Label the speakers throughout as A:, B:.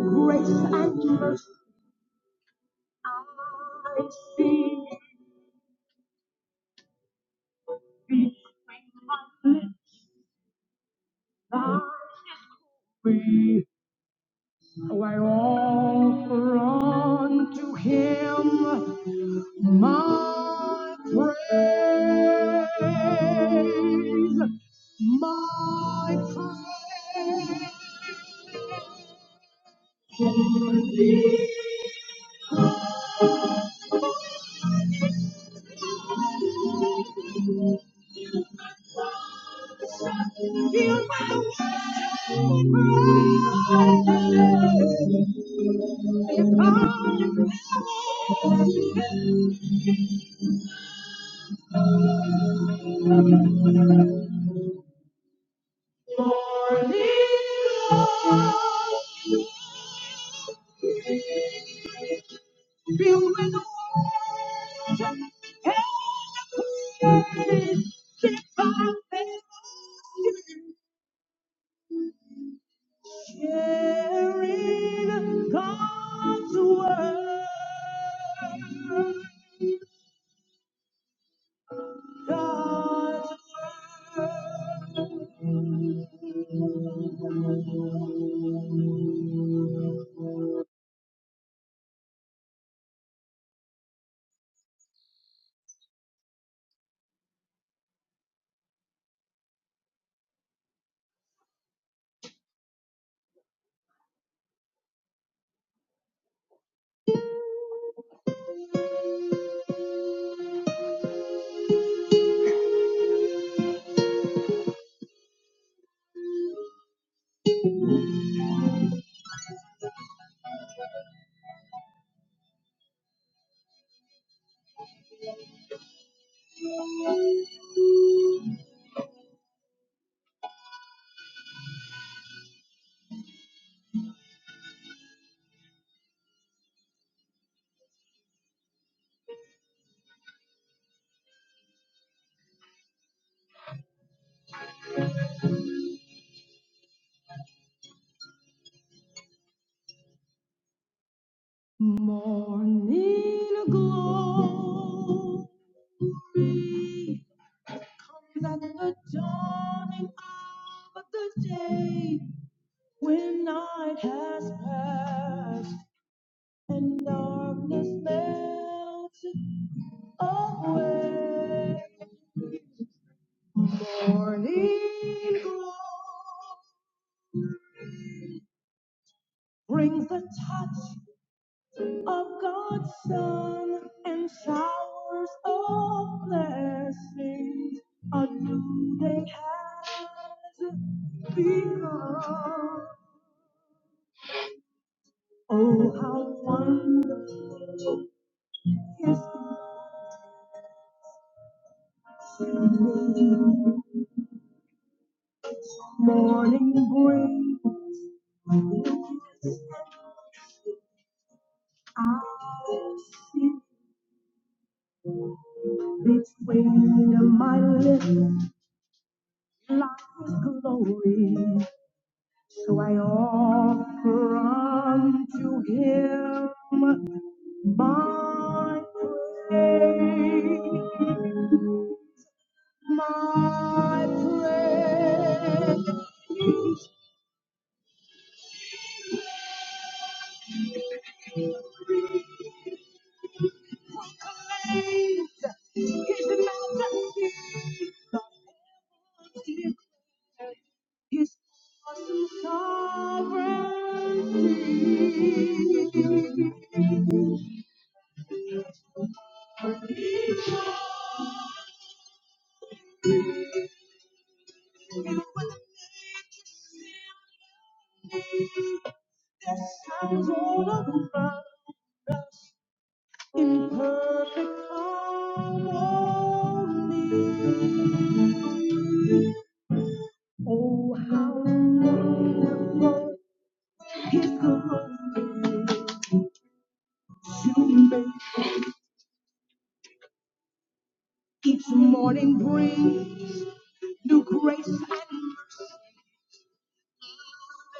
A: grace and mercy I see thee thy way. Oh, I offer unto him my praise, my praise. Feel my wavering praise. If I am sharing God's word. God's word. Morning glory, at the dawning of the day when night has passed and darkness melted away. Morning glory brings the touch of God's Son and showers of blessings are new they has begun. Oh, how wonderful His grace morning brings locusts and I'll see between my lips lies glory. So I offer unto him my praise, my praise. Proclaims his majesty, the heavens declare his awesome sovereignty. For he chose Yes, I was all around us in perfect harmony. Oh, how wonderful His goodness is to me. Each morning brings new grace and mercy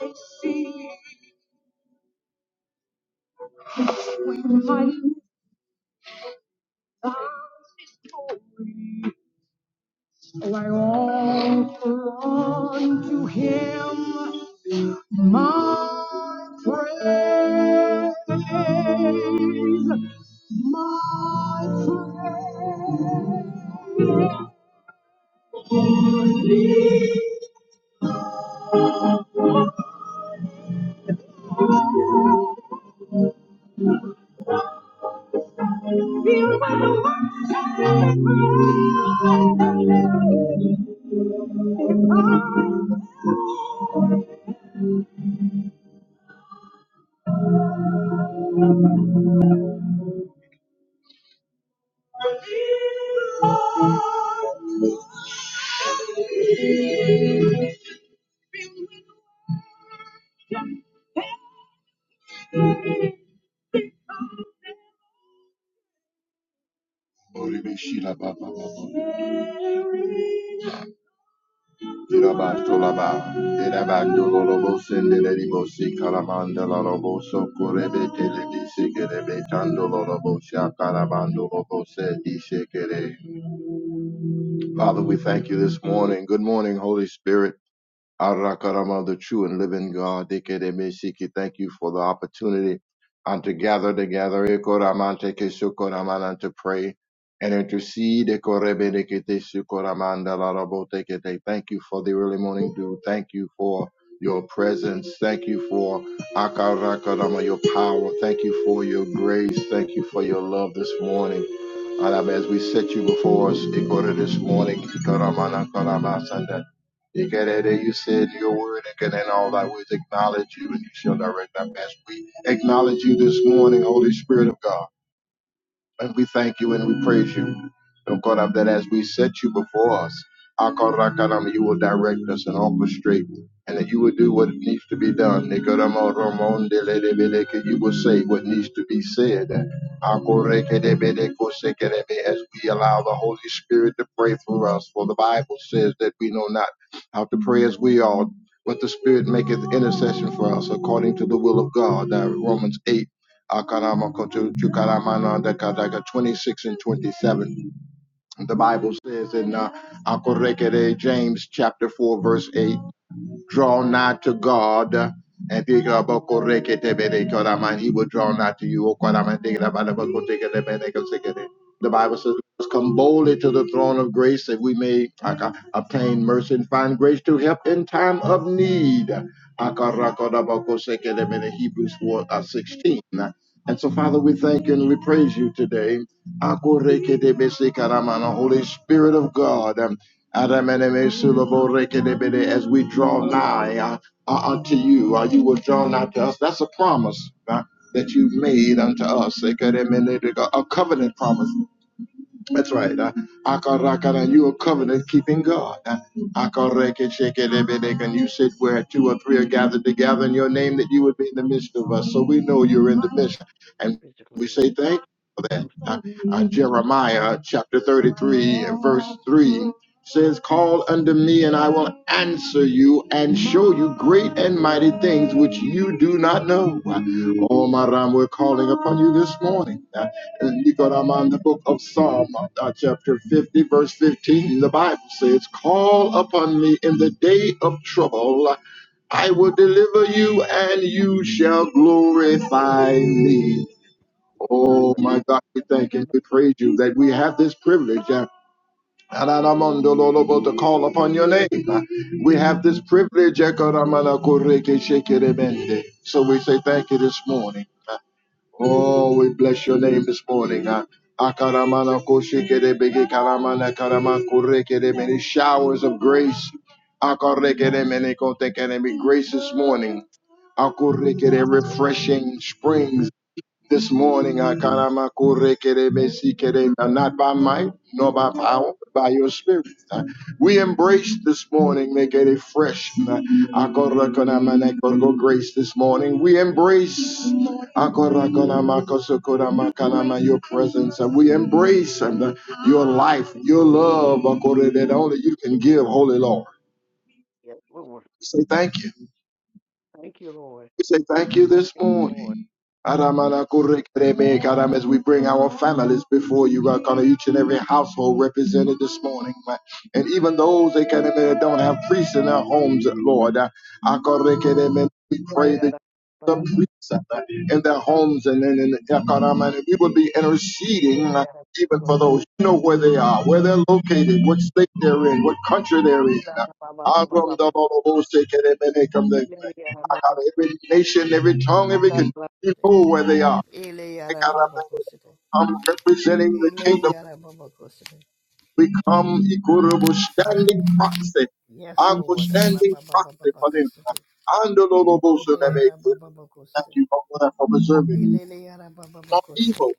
A: they see. We find Oh, I offer unto him my praise, my praise. Feel my worship. I believe. si so Father, we thank you this morning. Good morning, Holy Spirit. Arakarama, the true and living God. Dekedemesiki, Thank you for the opportunity and to gather together Ekoramante kesukoraman, and to pray and intercede. Ekorebedeketesukoramanda larabotekete. Thank you for the early morning dew. Thank you for your presence. Thank you for Akarakarama, your power. Thank you for your grace. Thank you for your love this morning. And um, as we set you before us, Ikora, this morning, Ikoramana Karamasanda. Ikerere, You said in your word, and in all thy ways acknowledge you, and you shall direct our path. We acknowledge you this morning, Holy Spirit of God. And we thank you and we praise you. Oh God, of that as we set you before us, Akarakaram, you will direct us and orchestrate, and that you will do what needs to be done. Nikaramo Ramon de Ledebeleke, You will say what needs to be said. Akorekedebelekosekerebe, As we allow the Holy Spirit to pray for us, for the Bible says that we know not how to pray as we ought, but the Spirit maketh intercession for us according to the will of God. Uh, Romans 8. 26 and 27. The Bible says in uh, James chapter 4, verse 8 draw nigh to God. And he will draw nigh to you. The
B: Yes,
A: Bible
B: Lord.
A: says, Let's come boldly to the throne of grace that we may aka, obtain mercy and find grace to help in time of need. Hebrews 4
B: Get me
A: uh,
B: out
A: 16. And so, Father, we thank you and we praise you today. Holy Spirit of God. Adamenemesuloborekedebede, As we draw nigh uh, uh, unto you, uh, you will draw nigh to us. That's a promise uh, that you've made unto us. Ekedemene, A covenant promise that's right. Uh, Akarakara, you are covenant keeping God. Uh, Akarekeshekelebedek, and you said where two or three are gathered together in your name that you would be in the midst of us. So we know you're in the midst. And we
B: physically and
A: say thank you for that.
B: so
A: Uh, uh,
B: so,
A: Jeremiah chapter 33 and verse 3 says, Call unto me and I will answer you and show you great and mighty things which you do not know. Uh, Oh, my Ram, we're calling upon you this morning. Uh, and you go Nicoram, the book of Psalm, uh, chapter 50, verse 15, the Bible says, Call upon me in the day of trouble. I will deliver you, and you shall glorify me.
B: yes,
A: Oh,
B: Lord.
A: my God, we
B: Yes,
A: thank and we praise you that we have this privilege. uh, Araramandololobo, To call upon your name. Uh, We have this privilege. Ekaramanakorekeshekeremende. So we say thank you this morning. uh, Oh, we bless your name this morning. Uh, Akaramana koshikere bege karamana karama kurekere many showers of grace. Akarekere many kotekere me grace this
B: Lord.
A: morning. Akurekere
B: Yes, Lord.
A: refreshing springs. This morning,
B: Yes, Lord.
A: Akaramakurekerebesike, not by
B: Yes,
A: might nor by power, but by your spirit. We embrace this morning, make it a fresh Akorakonamanekoro grace this morning. We embrace Akorakonamakosokoramakanaman, your presence. and We embrace and uh, your life, your love, Akore, that
B: Lord.
A: only you can give, Holy Lord.
B: Yes, Lord.
A: We say thank you.
B: Thank you, Lord.
A: We say thank you this
B: Thank you,
A: morning.
B: Lord.
A: Aramanakurekereme, God, um, as we bring our families before you, God, God, each and every household represented this morning, God. and even those that can that don't have priests in their homes, Lord, uh,
B: Lord.
A: Akarekereme, we pray that
B: Ileana. Ba-
A: the
B: ba- ba-
A: priests uh, in their homes and in, in
B: ba-
A: Akaramana, we will be interceding uh,
B: Ileana.
A: even for
B: Kos-
A: those who know where they are, where
B: Ile-
A: they're
B: ba-
A: located,
B: ba-
A: what state they're in, what country they're in.
B: Ila-
A: Uh,
B: ba- ba- ba- ba- ba- ba-
A: Aramdalolobosekereme,
B: Ileana. Ba-
A: out
B: ba-
A: of every nation, every tongue, every
B: Anda-
A: country,
B: la-
A: you where they are. They
B: Ileana.
A: got
B: Ba-
A: up
B: ba-
A: and
B: Kosiko.
A: come representing the kingdom.
B: Ileana. Ba- ba- Kosiko.
A: We come equitable standing proxy.
B: Yes,
A: I'm a
B: Lord. Ala-
A: standing
B: ba- ba- ba- ba-
A: proxy
B: ba-
A: for them.
B: Kosiko.
A: And the Lord of hosts, and they make
B: Ileana. Ba- ba- ba-
A: Thank
B: Kosiko.
A: you, Father, for preserving
B: Ileana. Ba- ba- ba-
A: from
B: Kosiko.
A: evil,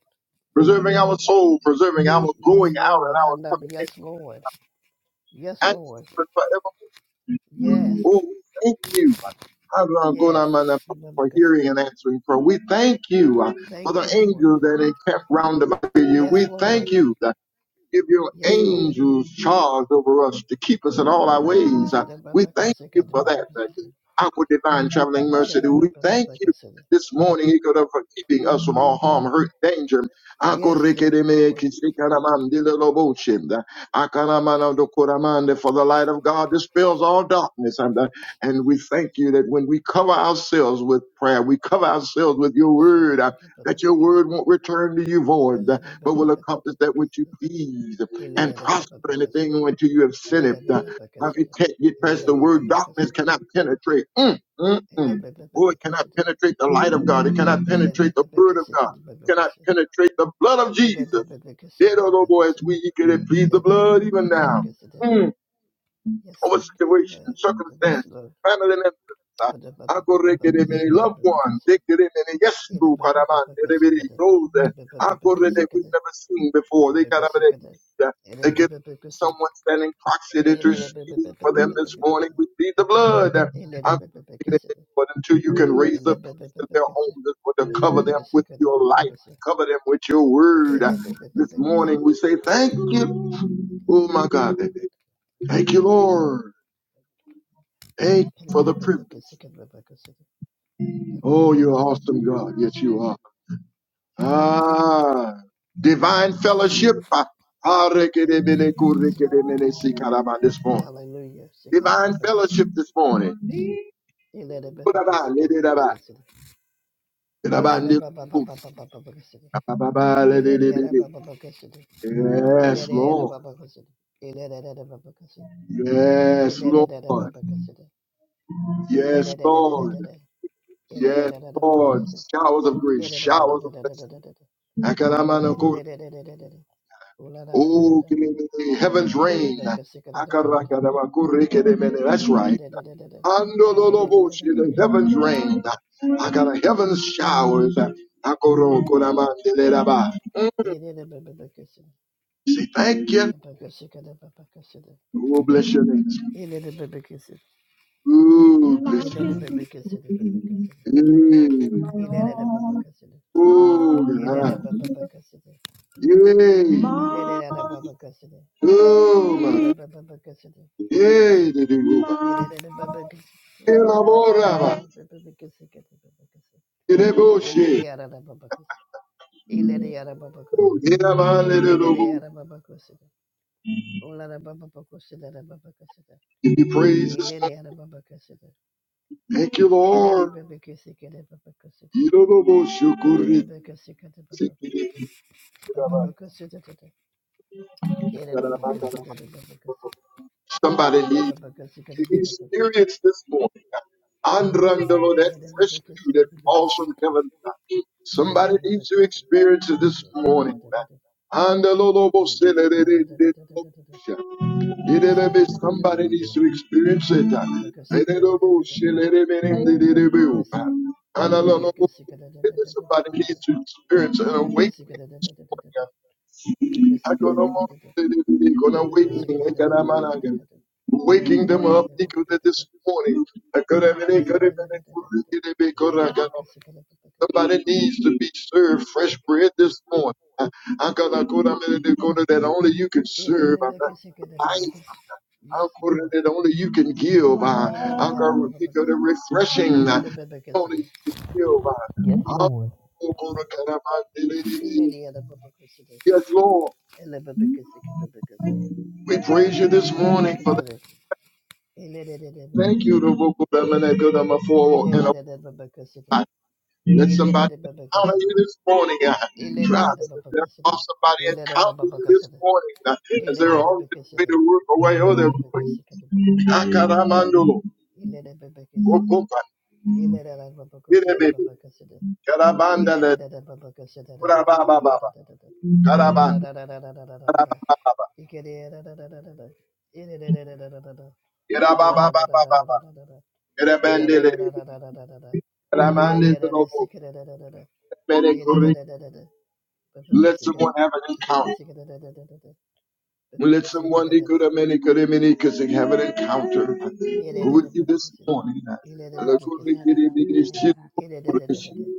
A: preserving our soul, preserving our
B: Yes,
A: going out and
B: Lord.
A: our
B: Handa-
A: coming in,
B: Yes, Lord. Yes,
A: and
B: Lord.
A: forever.
B: Yes.
A: Oh, we thank you
B: Yes.
A: Hadragonamana, for
B: Shadabakasa.
A: hearing and answering prayer. We thank you uh, for the
B: Thank you, Lord.
A: angels that encamp round about you.
B: Yes,
A: We
B: Lord.
A: thank you. uh, give your
B: Yes, Lord.
A: angels charge over us to keep us in all our ways. Uh, We thank
B: Shadabakasa,
A: you for that. uh,
B: kadabakasa.
A: Our divine traveling mercy. We thank you
B: Shadabakasa.
A: this morning, he could have for keeping us from all harm, hurt, danger. Ako
B: Yes, thank you,
A: rekedeme
B: Lord.
A: For the light of God dispels all darkness. And, uh, and we thank you that when we cover ourselves with prayer, we cover ourselves with your word, uh, that your
B: Shadabakasa.
A: word won't return to you void but will accomplish that which you
B: Eladabakasa.
A: please and prosper in the
B: Eladabakasa.
A: thing until you have sent it. Uh, If you
B: Ladabakasa.
A: can't get past the word, darkness
B: Ladabakasa.
A: cannot penetrate. Mm, mm, mm. Oh, it cannot
B: Eladabakasa.
A: penetrate the light of God. It cannot penetrate the word of God. It cannot
B: Eladabakasa.
A: penetrate the blood of
B: Yes,
A: Jesus. Dead or no more, as we eagerly plead the blood even now. Mm our
B: Lord.
A: situation and
B: Lord, the best
A: circumstance,
B: Lord.
A: family members, uh,
B: But the Papa
A: Ako
B: Papa
A: rekereme,
B: Cassicada
A: loved ones,
B: Pacassi.
A: rekereme, yes,
B: In a
A: to
B: Papa Papa
A: Karamande, Rebere,
B: Cassicada.
A: those uh,
B: Papa
A: Ako rede we've
B: Cassicada.
A: never seen before. They
B: Papa
A: got up
B: Cassicada. In a
A: they get
B: Papa Cassin.
A: someone standing proxy that
B: In
A: you're
B: a Papa
A: speaking for them this
B: Papa
A: morning.
B: Cassin.
A: We need the blood. Uh,
B: In a
A: Ako
B: Papa
A: rede,
B: Cassin.
A: But until you can raise
B: In a
A: up
B: Papa
A: priests of
B: Papa
A: their
B: Cassin.
A: homes and for to cover
B: Papa
A: them with
B: Cassicada
A: your
B: Papa
A: light,
B: Cassin.
A: cover them with your word.
B: In
A: Uh,
B: a
A: This
B: Papa
A: morning
B: Cassin.
A: we say, Thank you.
B: Clean
A: Oh my God, thank you, Lord. Thank you
B: your body. In a
A: for the privilege.
B: Papa Cassicada Papa Cassin. Papa
A: Oh, you're
B: Cassin.
A: awesome, God. Yes, you are. Ah, divine fellowship. Ah, ah, rekedemene,
B: Hallelujah.
A: This morning, divine
B: Shikadababakasi.
A: fellowship this morning. Kuraba,
B: Iledababakasi,
A: lederaba,
B: kadababakasi.
A: leraba, ndeku,
B: Iledababababababakasi.
A: ababa, lededebede.
B: Ilediyadababakasi.
A: Yes, Lord.
B: Ilediyadababakasi. Iledadadababakasi.
A: Yes, Lord.
B: Iledadadababakasi.
A: Yes, Lord.
B: Iledadadadadada.
A: Yes, Lord.
B: Iledadadadababakasi.
A: Showers of grace, showers of
B: Iledadadadadadadada.
A: blessing.
B: Mididididididididi.
A: Oh,
B: Ooladadadadada.
A: kelelele, heaven's rain.
B: Babagasikaladadadada.
A: That's right.
B: Idididididididi.
A: Andololoboshi, The
B: Bidididididididi.
A: heavens rain. I got a heavens showers.
B: Idididididididi.
A: Say thank
B: Ele
A: you. Oh, bless your name. Oh, bless your Yeah. Oh, God. Yeah. Oh, my. Yeah. Elaboraba. Yereboshe. Yerabalelebo. Give you praise this morning. Thank you, Lord. Yeroboshe.
B: Thank you.
A: Somebody needs to experience this morning. Andrandolo, that fresh dew that falls from heaven. Somebody needs to experience it this morning. Andaloloboshe. Somebody needs to experience it. Somebody needs to experience an awakening. this morning. Agonomo, dedebe, an awakening. Ekanamananga. Waking them up Ikode, this morning.
B: Yes, Lord.
A: Somebody needs to be served fresh bread this morning. Akanakoramene, dekona, That only you can serve Life
B: Yes,
A: Akura that only you can give. uh, Akura Pika, the refreshing uh,
B: Lord.
A: only you can give.
B: Yes
A: uh,
B: Lord,
A: Yes, Lord, we praise you this morning for that. Thank you, the vocal for and a Let somebody encounter you this morning. uh, Try to have somebody encounter you this morning uh, as they're on their way to work away or they're going. Akaramando,
B: Ilere baba kesede.
A: Okopa,
B: Ilere la baba kesede
A: Irebe,
B: baba kesede.
A: Karabandale.
B: Ilere la da baba kesede da da da da da
A: Urabababa,
B: da da da da da.
A: Karaba,
B: Ala da da da da da da da da da. Ikere da da da da da da. Ilere da da da da da da. Ula da da da da da
A: Irababababa,
B: da da da da. Ula da
A: Irabandele,
B: da da da da da da da da. Andere da da
A: Ramandelobo,
B: sikere da da da da. Ilere da da da da da. Baba
A: Let
B: kesede.
A: someone have an
B: Baba
A: encounter.
B: kesede da da da da da Baba
A: Let
B: kesede
A: someone
B: da da da.
A: because they have an encounter
B: Ilere da
A: with you
B: baba
A: this
B: kesede.
A: morning.
B: Ilere baba
A: Lakuri
B: kesede.
C: Yararabarayara.
B: Ilere da da da da da.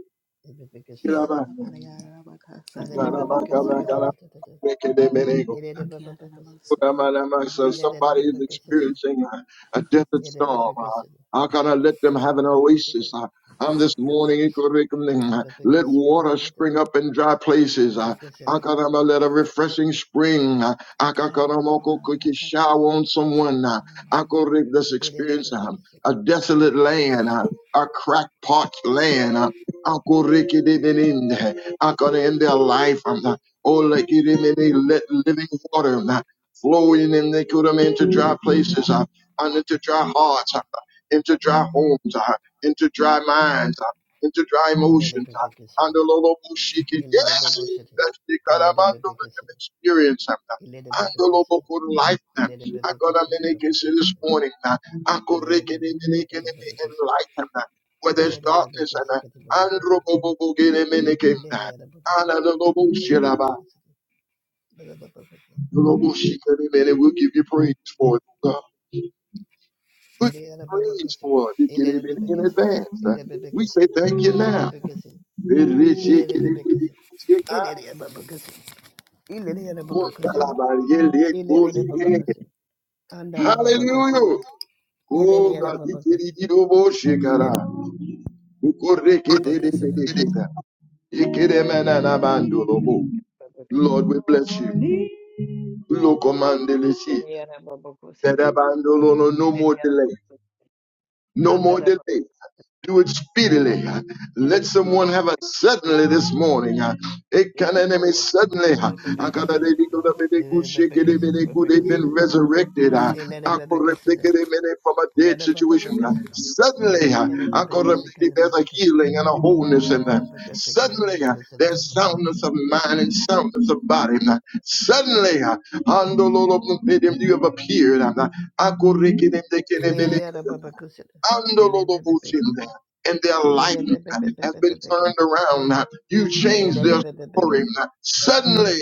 B: Baba kesede. Ele
C: Yararabarayarabakasariyarabakara. Kiyararabasuna.
A: So somebody
C: Yararamasakaya.
A: is experiencing a, a desert storm. Uh, How can I let them have an oasis? Uh, on this morning, Ikorikimning, let water spring up in dry places. Uh, Akarama, let a refreshing spring. uh, Akakaramokokiki shower on someone. Uh,
C: Ikerararabararabakara.
A: Akorik, Let's experience um, a desolate land, uh, a crackpot land. uh, Akorikidididin, Akara In their life, um, uh, Oh, like it in any let living water. uh, flowing in the good into dry places uh, and into dry hearts, uh, into dry homes, uh, into dry minds, uh, into dry emotions. Uh, and the Lord will shake it. Yes, that's the kind of man that can experience them. uh, And the Lord will light them. I got a many minute this morning. uh, I could make it in and light them. uh, Where there's darkness and uh, and the Lord will get him in again, uh, and the Lord will shield him, uh,
B: Yes, Lord.
A: and we'll give you praise for it, oh God. We'll give you praise for it. We Get it in, in advance. Uh, We say thank you now. Hallelujah. Oh God, we give you the worship, God. We correct it, it, it, it, it, it. It, it, man, and I'm under the moon. Lord, we bless you. Lokomandele si. That abandolo no no more delay. No more delay. do it speedily. Let someone have a suddenly this morning. It can enemy suddenly. They've been resurrected uh, from a
B: Let
A: dead
B: it
A: situation.
B: be
A: Suddenly,
B: Elele babakusir. Elele babakusir. Elele babakusir. Elele babakusir. Elele babakusir. Elele babakusir. Elele babakusir. Elele babakusir. Elele babakusir. Elele
A: uh, there's a healing and a wholeness in them. Suddenly, uh, there's soundness of mind and soundness of body. Suddenly, uh, you have appeared. Andolobochimne, and their life has been
B: babakusir.
A: turned around. You changed
B: Elele
A: their
B: babakusir.
A: story. Suddenly,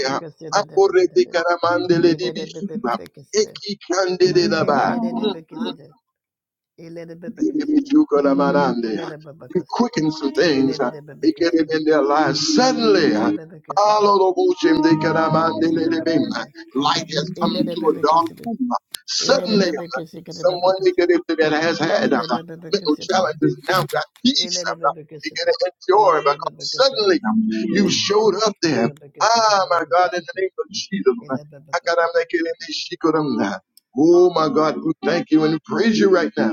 B: Elele babakusir. Elele babakusir. Elele babakusir. Elele
A: Aporetikaramandeledibisu,
B: babakusir.
A: Ekikandelelaba.
B: Elele babakusir. Elele
A: You
B: babakusir.
A: quicken some things.
B: Elele
A: uh, It can have in their lives suddenly. uh, Light has come to a dark room. Suddenly, uh, someone they could
B: babakusir.
A: have- that has had uh,
B: Elele
A: mental
B: babakusir.
A: challenges now got peace.
B: Elele
A: uh,
B: bebe
A: They get
B: kesede.
A: to enjoy
B: Ele
A: because
B: bebe kesede.
A: suddenly um, you showed up there.
B: Bebe kesede.
A: Ah, my
B: Bebe
A: God, in the
B: kesede.
A: name of Jesus. um,
B: Ele bebe
A: I got to
B: kesede.
A: make it in
B: Bebe
A: this.
B: kesede.
A: she could, um, uh, Oh, my God, we thank you and we praise you right now.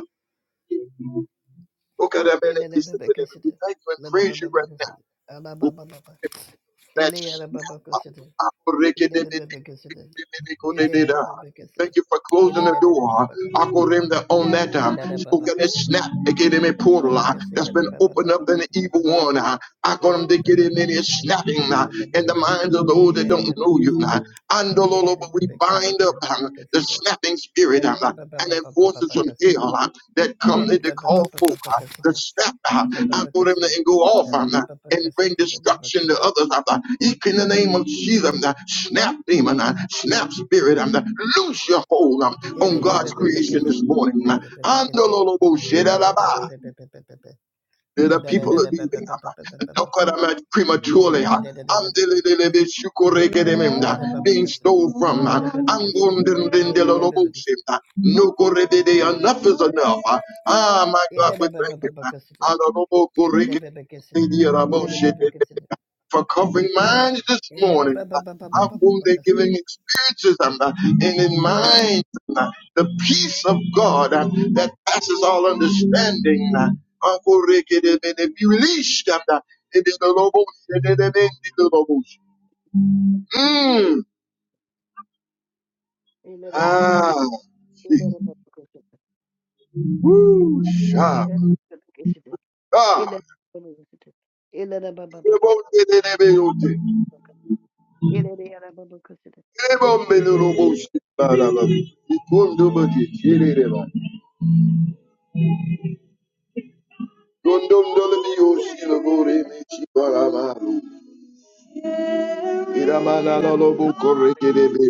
A: We
B: Elele bebe kesede.
A: thank you and
B: Lele
A: praise you
B: bebe
A: right now.
B: kesede. Ana baba baba.
A: Thank
B: Ele ana baba kesede. Elele bebe kesede. Elele bebe kesede.
A: you for closing the
B: Elele
A: door
B: baba kesede.
A: Akorenda, on that
B: And
A: um,
B: that
A: so
B: baba
A: that it
B: kesede.
A: snap they get him a
B: Ele
A: portal
B: bebe
A: uh,
B: kesede.
A: that's
B: Ele
A: been
B: baba
A: opened up
B: baba
A: in the
B: baba
A: evil one.
B: kesede.
A: uh. I got Akorem,
B: Elele
A: to get him
B: bebe
A: in his
B: kesede.
A: snapping uh,
B: Lele bebe
A: in the
B: kesede.
A: minds of those that
B: Elele
A: don't
B: bebe
A: know you.
B: kesede.
A: uh, Andololo,
B: Ele
A: but we
B: bebe
A: bind
B: kesede.
A: up
B: Lele bebe
A: um, the
B: kesede.
A: snapping
B: Let
A: spirit
B: it
A: um, uh, and the forces from hell uh, that come in to call folk the snap. uh. I got Akorem, to go off. um, and bring destruction to others. I'm not, Eek in the name of Jesus, I'm the snap demon, I'm, snap spirit, I'm the loose your hold I'm, on God's creation this morning. I'm, Andololobo shedalaba. The people are leaving. I'm not, don't cut them out prematurely. I'm, Andelelelebe shukorekedemem, I'm, being stole from. I'm,
B: Ele
A: Angondendelelolobo shem, I'm, Nokorebede, Enough is enough. i Ah, my God, we thank you. I'm, Andolobo korekede, for covering minds this morning. How whom they're giving experiences um, uh, and in minds um, uh, the peace of God um, that passes all understanding. uh, Uncle Rick, it is- it is released um, uh, in the Lobos, it is in the Lobos. Mm. Ah,
B: Ele
A: ooh, sharp. Ah, it won't be the Lobos. It won't be the Lobos. Ba, da, ba. It won't do but it. It is. Gondondolobiyoshiloboremechibarabaru. Iramanalolobokorekelebe.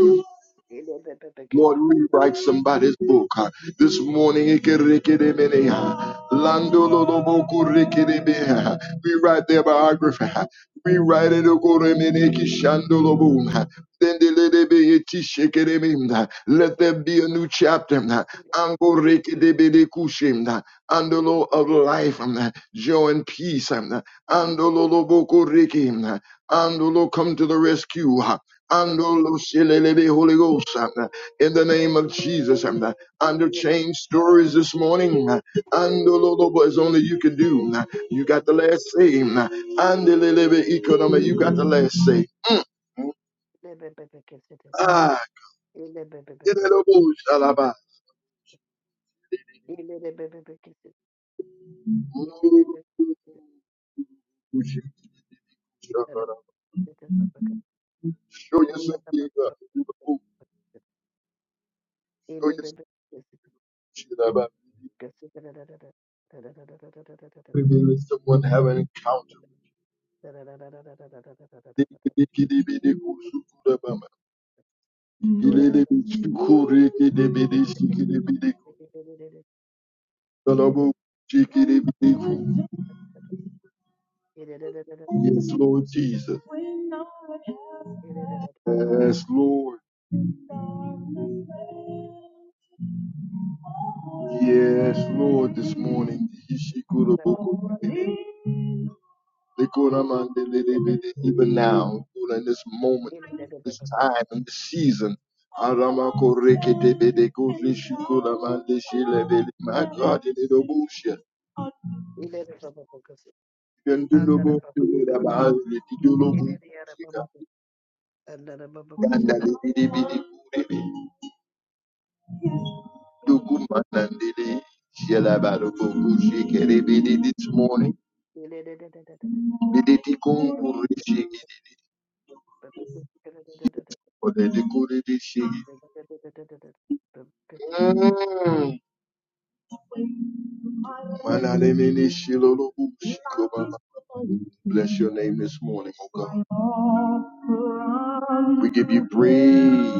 A: Lord, rewrite somebody's book. uh, This morning, Ikerikidimene, uh, Landolobokurikidime, uh, rewrite their biography. uh, Rewrite it. Okoremene Kishandolobum, uh, Dendelebe Etishikidimim, uh, Let there be a new chapter. uh, Angorekidibidikushim, uh, Andolo of life, um, uh, joy and peace. um, uh, Andololobokuriki, um, uh, Andolo come to the rescue. uh, Andolo Silelebe Holy Ghost in the name of Jesus. And uh, under change stories this morning, uh, and Lord, as only you can do. uh, You got the last say. uh, And the little economy, you got the last say. Mm. Ah, get it, Lord, Shalaba. Mm. Show yourself big, uh, Show yourself Shalaba. We will Let someone have an encounter. Dikidikidibidikusukurabama. Ilelebisukurikidibidisikidibidiku. Yes, Lord Jesus. Yes, Lord. Yes, Lord, this morning. Even now, Lord, in this moment, this time, in this season. Aramakorekitibidi. Kurishikuramandishilibidi. My God, in the Yandilobo Pelera Bahari Didilobo Gandali Bidi Bidi Kurebe Dukuma Shelabarobo Shikere Bidi this morning Bidi Tikunguri Shiki Ode Dikuri Shiki Mm. Shilolobu
B: Another
A: Shiko Bless your name this morning, O God.
B: Ele
A: We give you praise.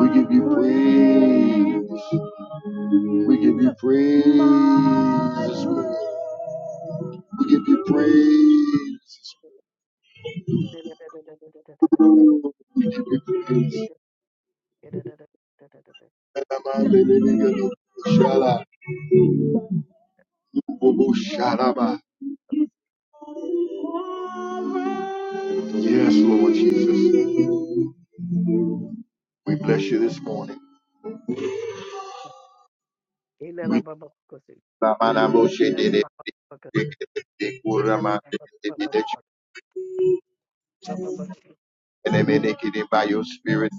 A: We give you praise. We give you praise. this morning. We give you praise. We give you praise. Yes, Lord Jesus. We bless you this morning. We that you can make it by your spirit.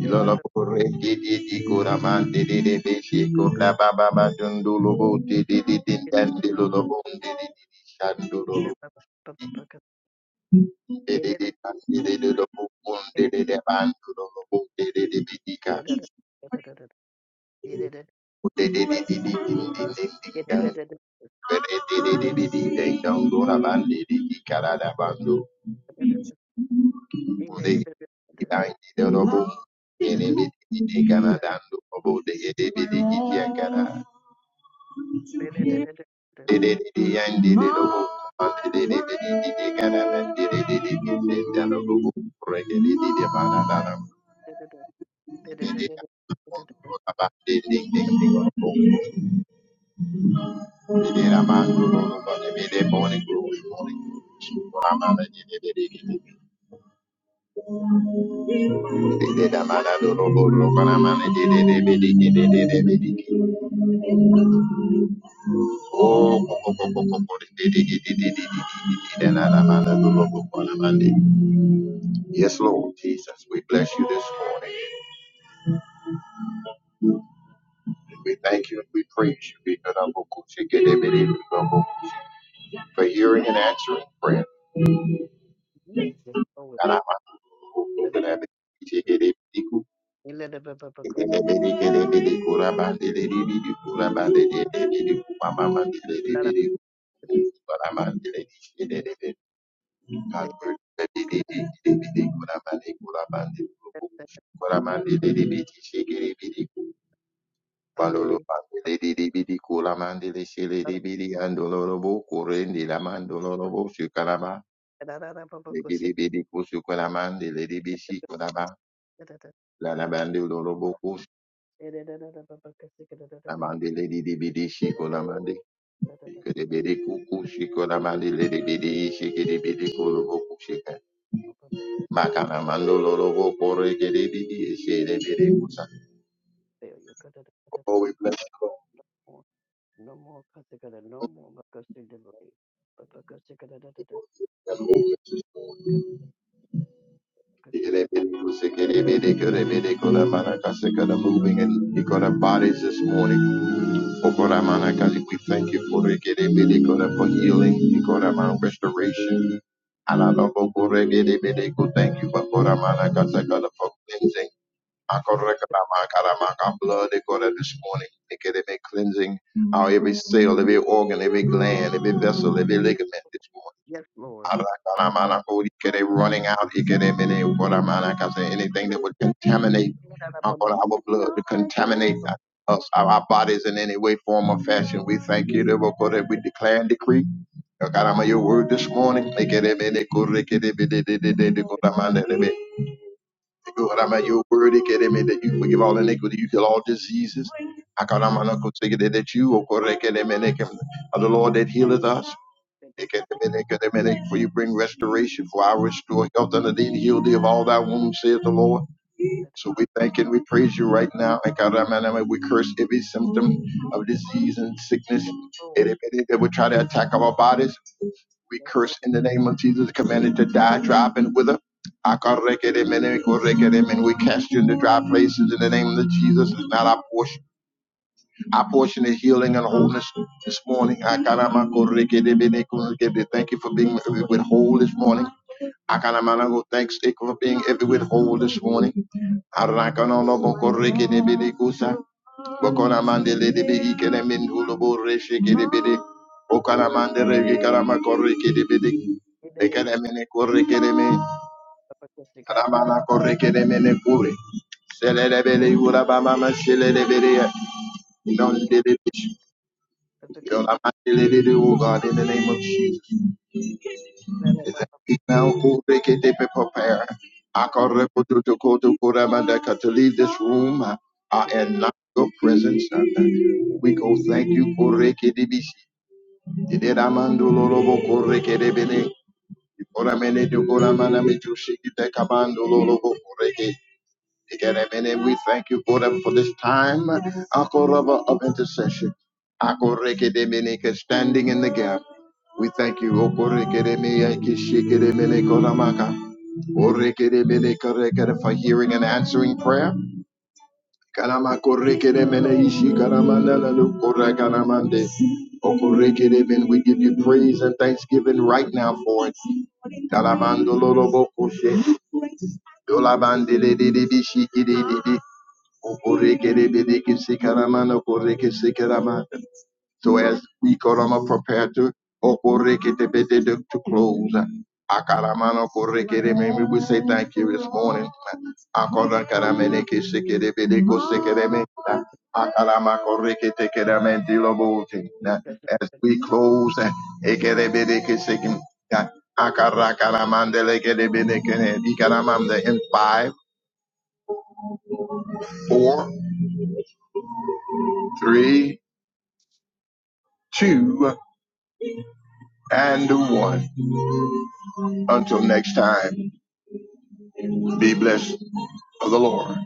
A: Ilolo pore di di di kura man di di di di shi kura ba ba ba dundulu bu di di di di dan di lolo bu di di di di shandulu di di di dan di di di lo bu bun di di di ban dulu lo bu di di di di di ka bu di di di di di di di di di dan per e di di di di di di dan kura ban di di di kara da ban du bu di di dan di di lo bu di di di di di kana dan du lo bu di di di di di di kana Oh, Yes, Lord Jesus, we bless you this morning. We thank you and we praise you for hearing and answering prayer.
B: Yes, yes, always. Whether from the good. A little bit of a cost. Let
A: Balolo
B: it bubble
A: Bidi Bidi Kulamandili Shili Bidi and Dolorobo Kurendi Laman Dolorobo Sukalama
B: because
A: Bidi Bidi Kusukalamandi Lady
B: they
A: Bishi Kulama
B: got up to
A: Lanabandi Lorobo Kus
B: the yes. they Let it get
A: Lamandi Lady Bidi
B: under
A: Shikulamandi Kidibidi
B: it.
A: Kuku Shikulamandi Lady Bidi Shikidi Bidi Kulubo Kushika Makalamando Lorobo Kore Kidibidi Shili Bidi Kusa
B: Failure.
A: Oh we bless you
B: No more because no more because they delay. But because they got no more.
A: Lord Moving
B: Kasikada.
A: in Ikora bodies this morning. Okora mana kasi, We thank you for Ikora for healing, Ikora mana restoration. Alalobo kore gede bede ko, Thank you for Ikora mana kasi, Ikora for cleansing.
B: Yes,
A: Akora kara ma kara ma ka Blood Ikora this morning. Ikora be cleansing our every cell, every organ, every gland, every vessel, every ligament this morning.
B: yes, Lord.
A: Arakaramana, holy Ike, they running out. Ike, they been in, Okoramana, 'cause Anything that would contaminate
B: Yes,
A: uh, our blood, to contaminate uh, us, our bodies in any way, form, or fashion. We thank you, Lord, for that we're going to- we declare and decree. Okarama, your word this morning. Ike, they been in, Kore, Ike, they been in, they, they, they, they, Okoramana, they been- Okoramana, Your word, Ike, they been that you forgive all iniquity, you heal all diseases. Okoramana, Ike, they- that you, Okore, Ike, they been in, Ike, are the Lord that healeth us. For you bring restoration, for I restore health unto thee and heal thee of all thy wounds, saith the Lord. So we thank and we praise you right now. And God, i we curse every symptom of disease and sickness and if it- that would try to attack our bodies. We curse in the name of Jesus, commanded to die, drop, and wither. And we cast you into dry places in the name of Jesus. It's not our portion. Our portion is healing and wholeness this morning. Akaramakorikedebedekuzikede. Thank you for being with whole this morning. Akanamanago, thanks Dick, for being every with whole this morning. Arakano no Arakanonobokorekedebedekusa. Bokonamandelebeikeneminuloboreshekedebede. Okanamandelegekaramakorekedebede. Ekenemenekorekedeme. Aramanakorekedemenekure. Selelebele urabamama shelelebele. Yo, I'm not the lady to, Oh God, in the name of Jesus. Is that we Now, go break it, they be prepare. I call Repo to to go to Kuramandaka to leave this room uh, uh, and not your presence. uh, We go thank you for Rekedibisi. Did Amando Lolobo Korekedebene? Koramene to Koramana Mitu Shiki Takamando Lolobo and we thank you, God, for this time Akoraba, of intercession. Akorekedemeneke, Standing in the gap. We thank you. Okorekedemeakishikedemenekoramaka. Orekedemenekorekere, For hearing and answering prayer. Karamakorekedemeneishikaramandalalukorakanamande. Okorekedeme, We give you praise and thanksgiving right now for it. Kalamandolorobokoshe. Dolabandididididishikidididi. So as we Korama prepare to to close, we will say thank you this morning. As we close, in five, four, three, two, and one. Until next time, be blessed of the Lord.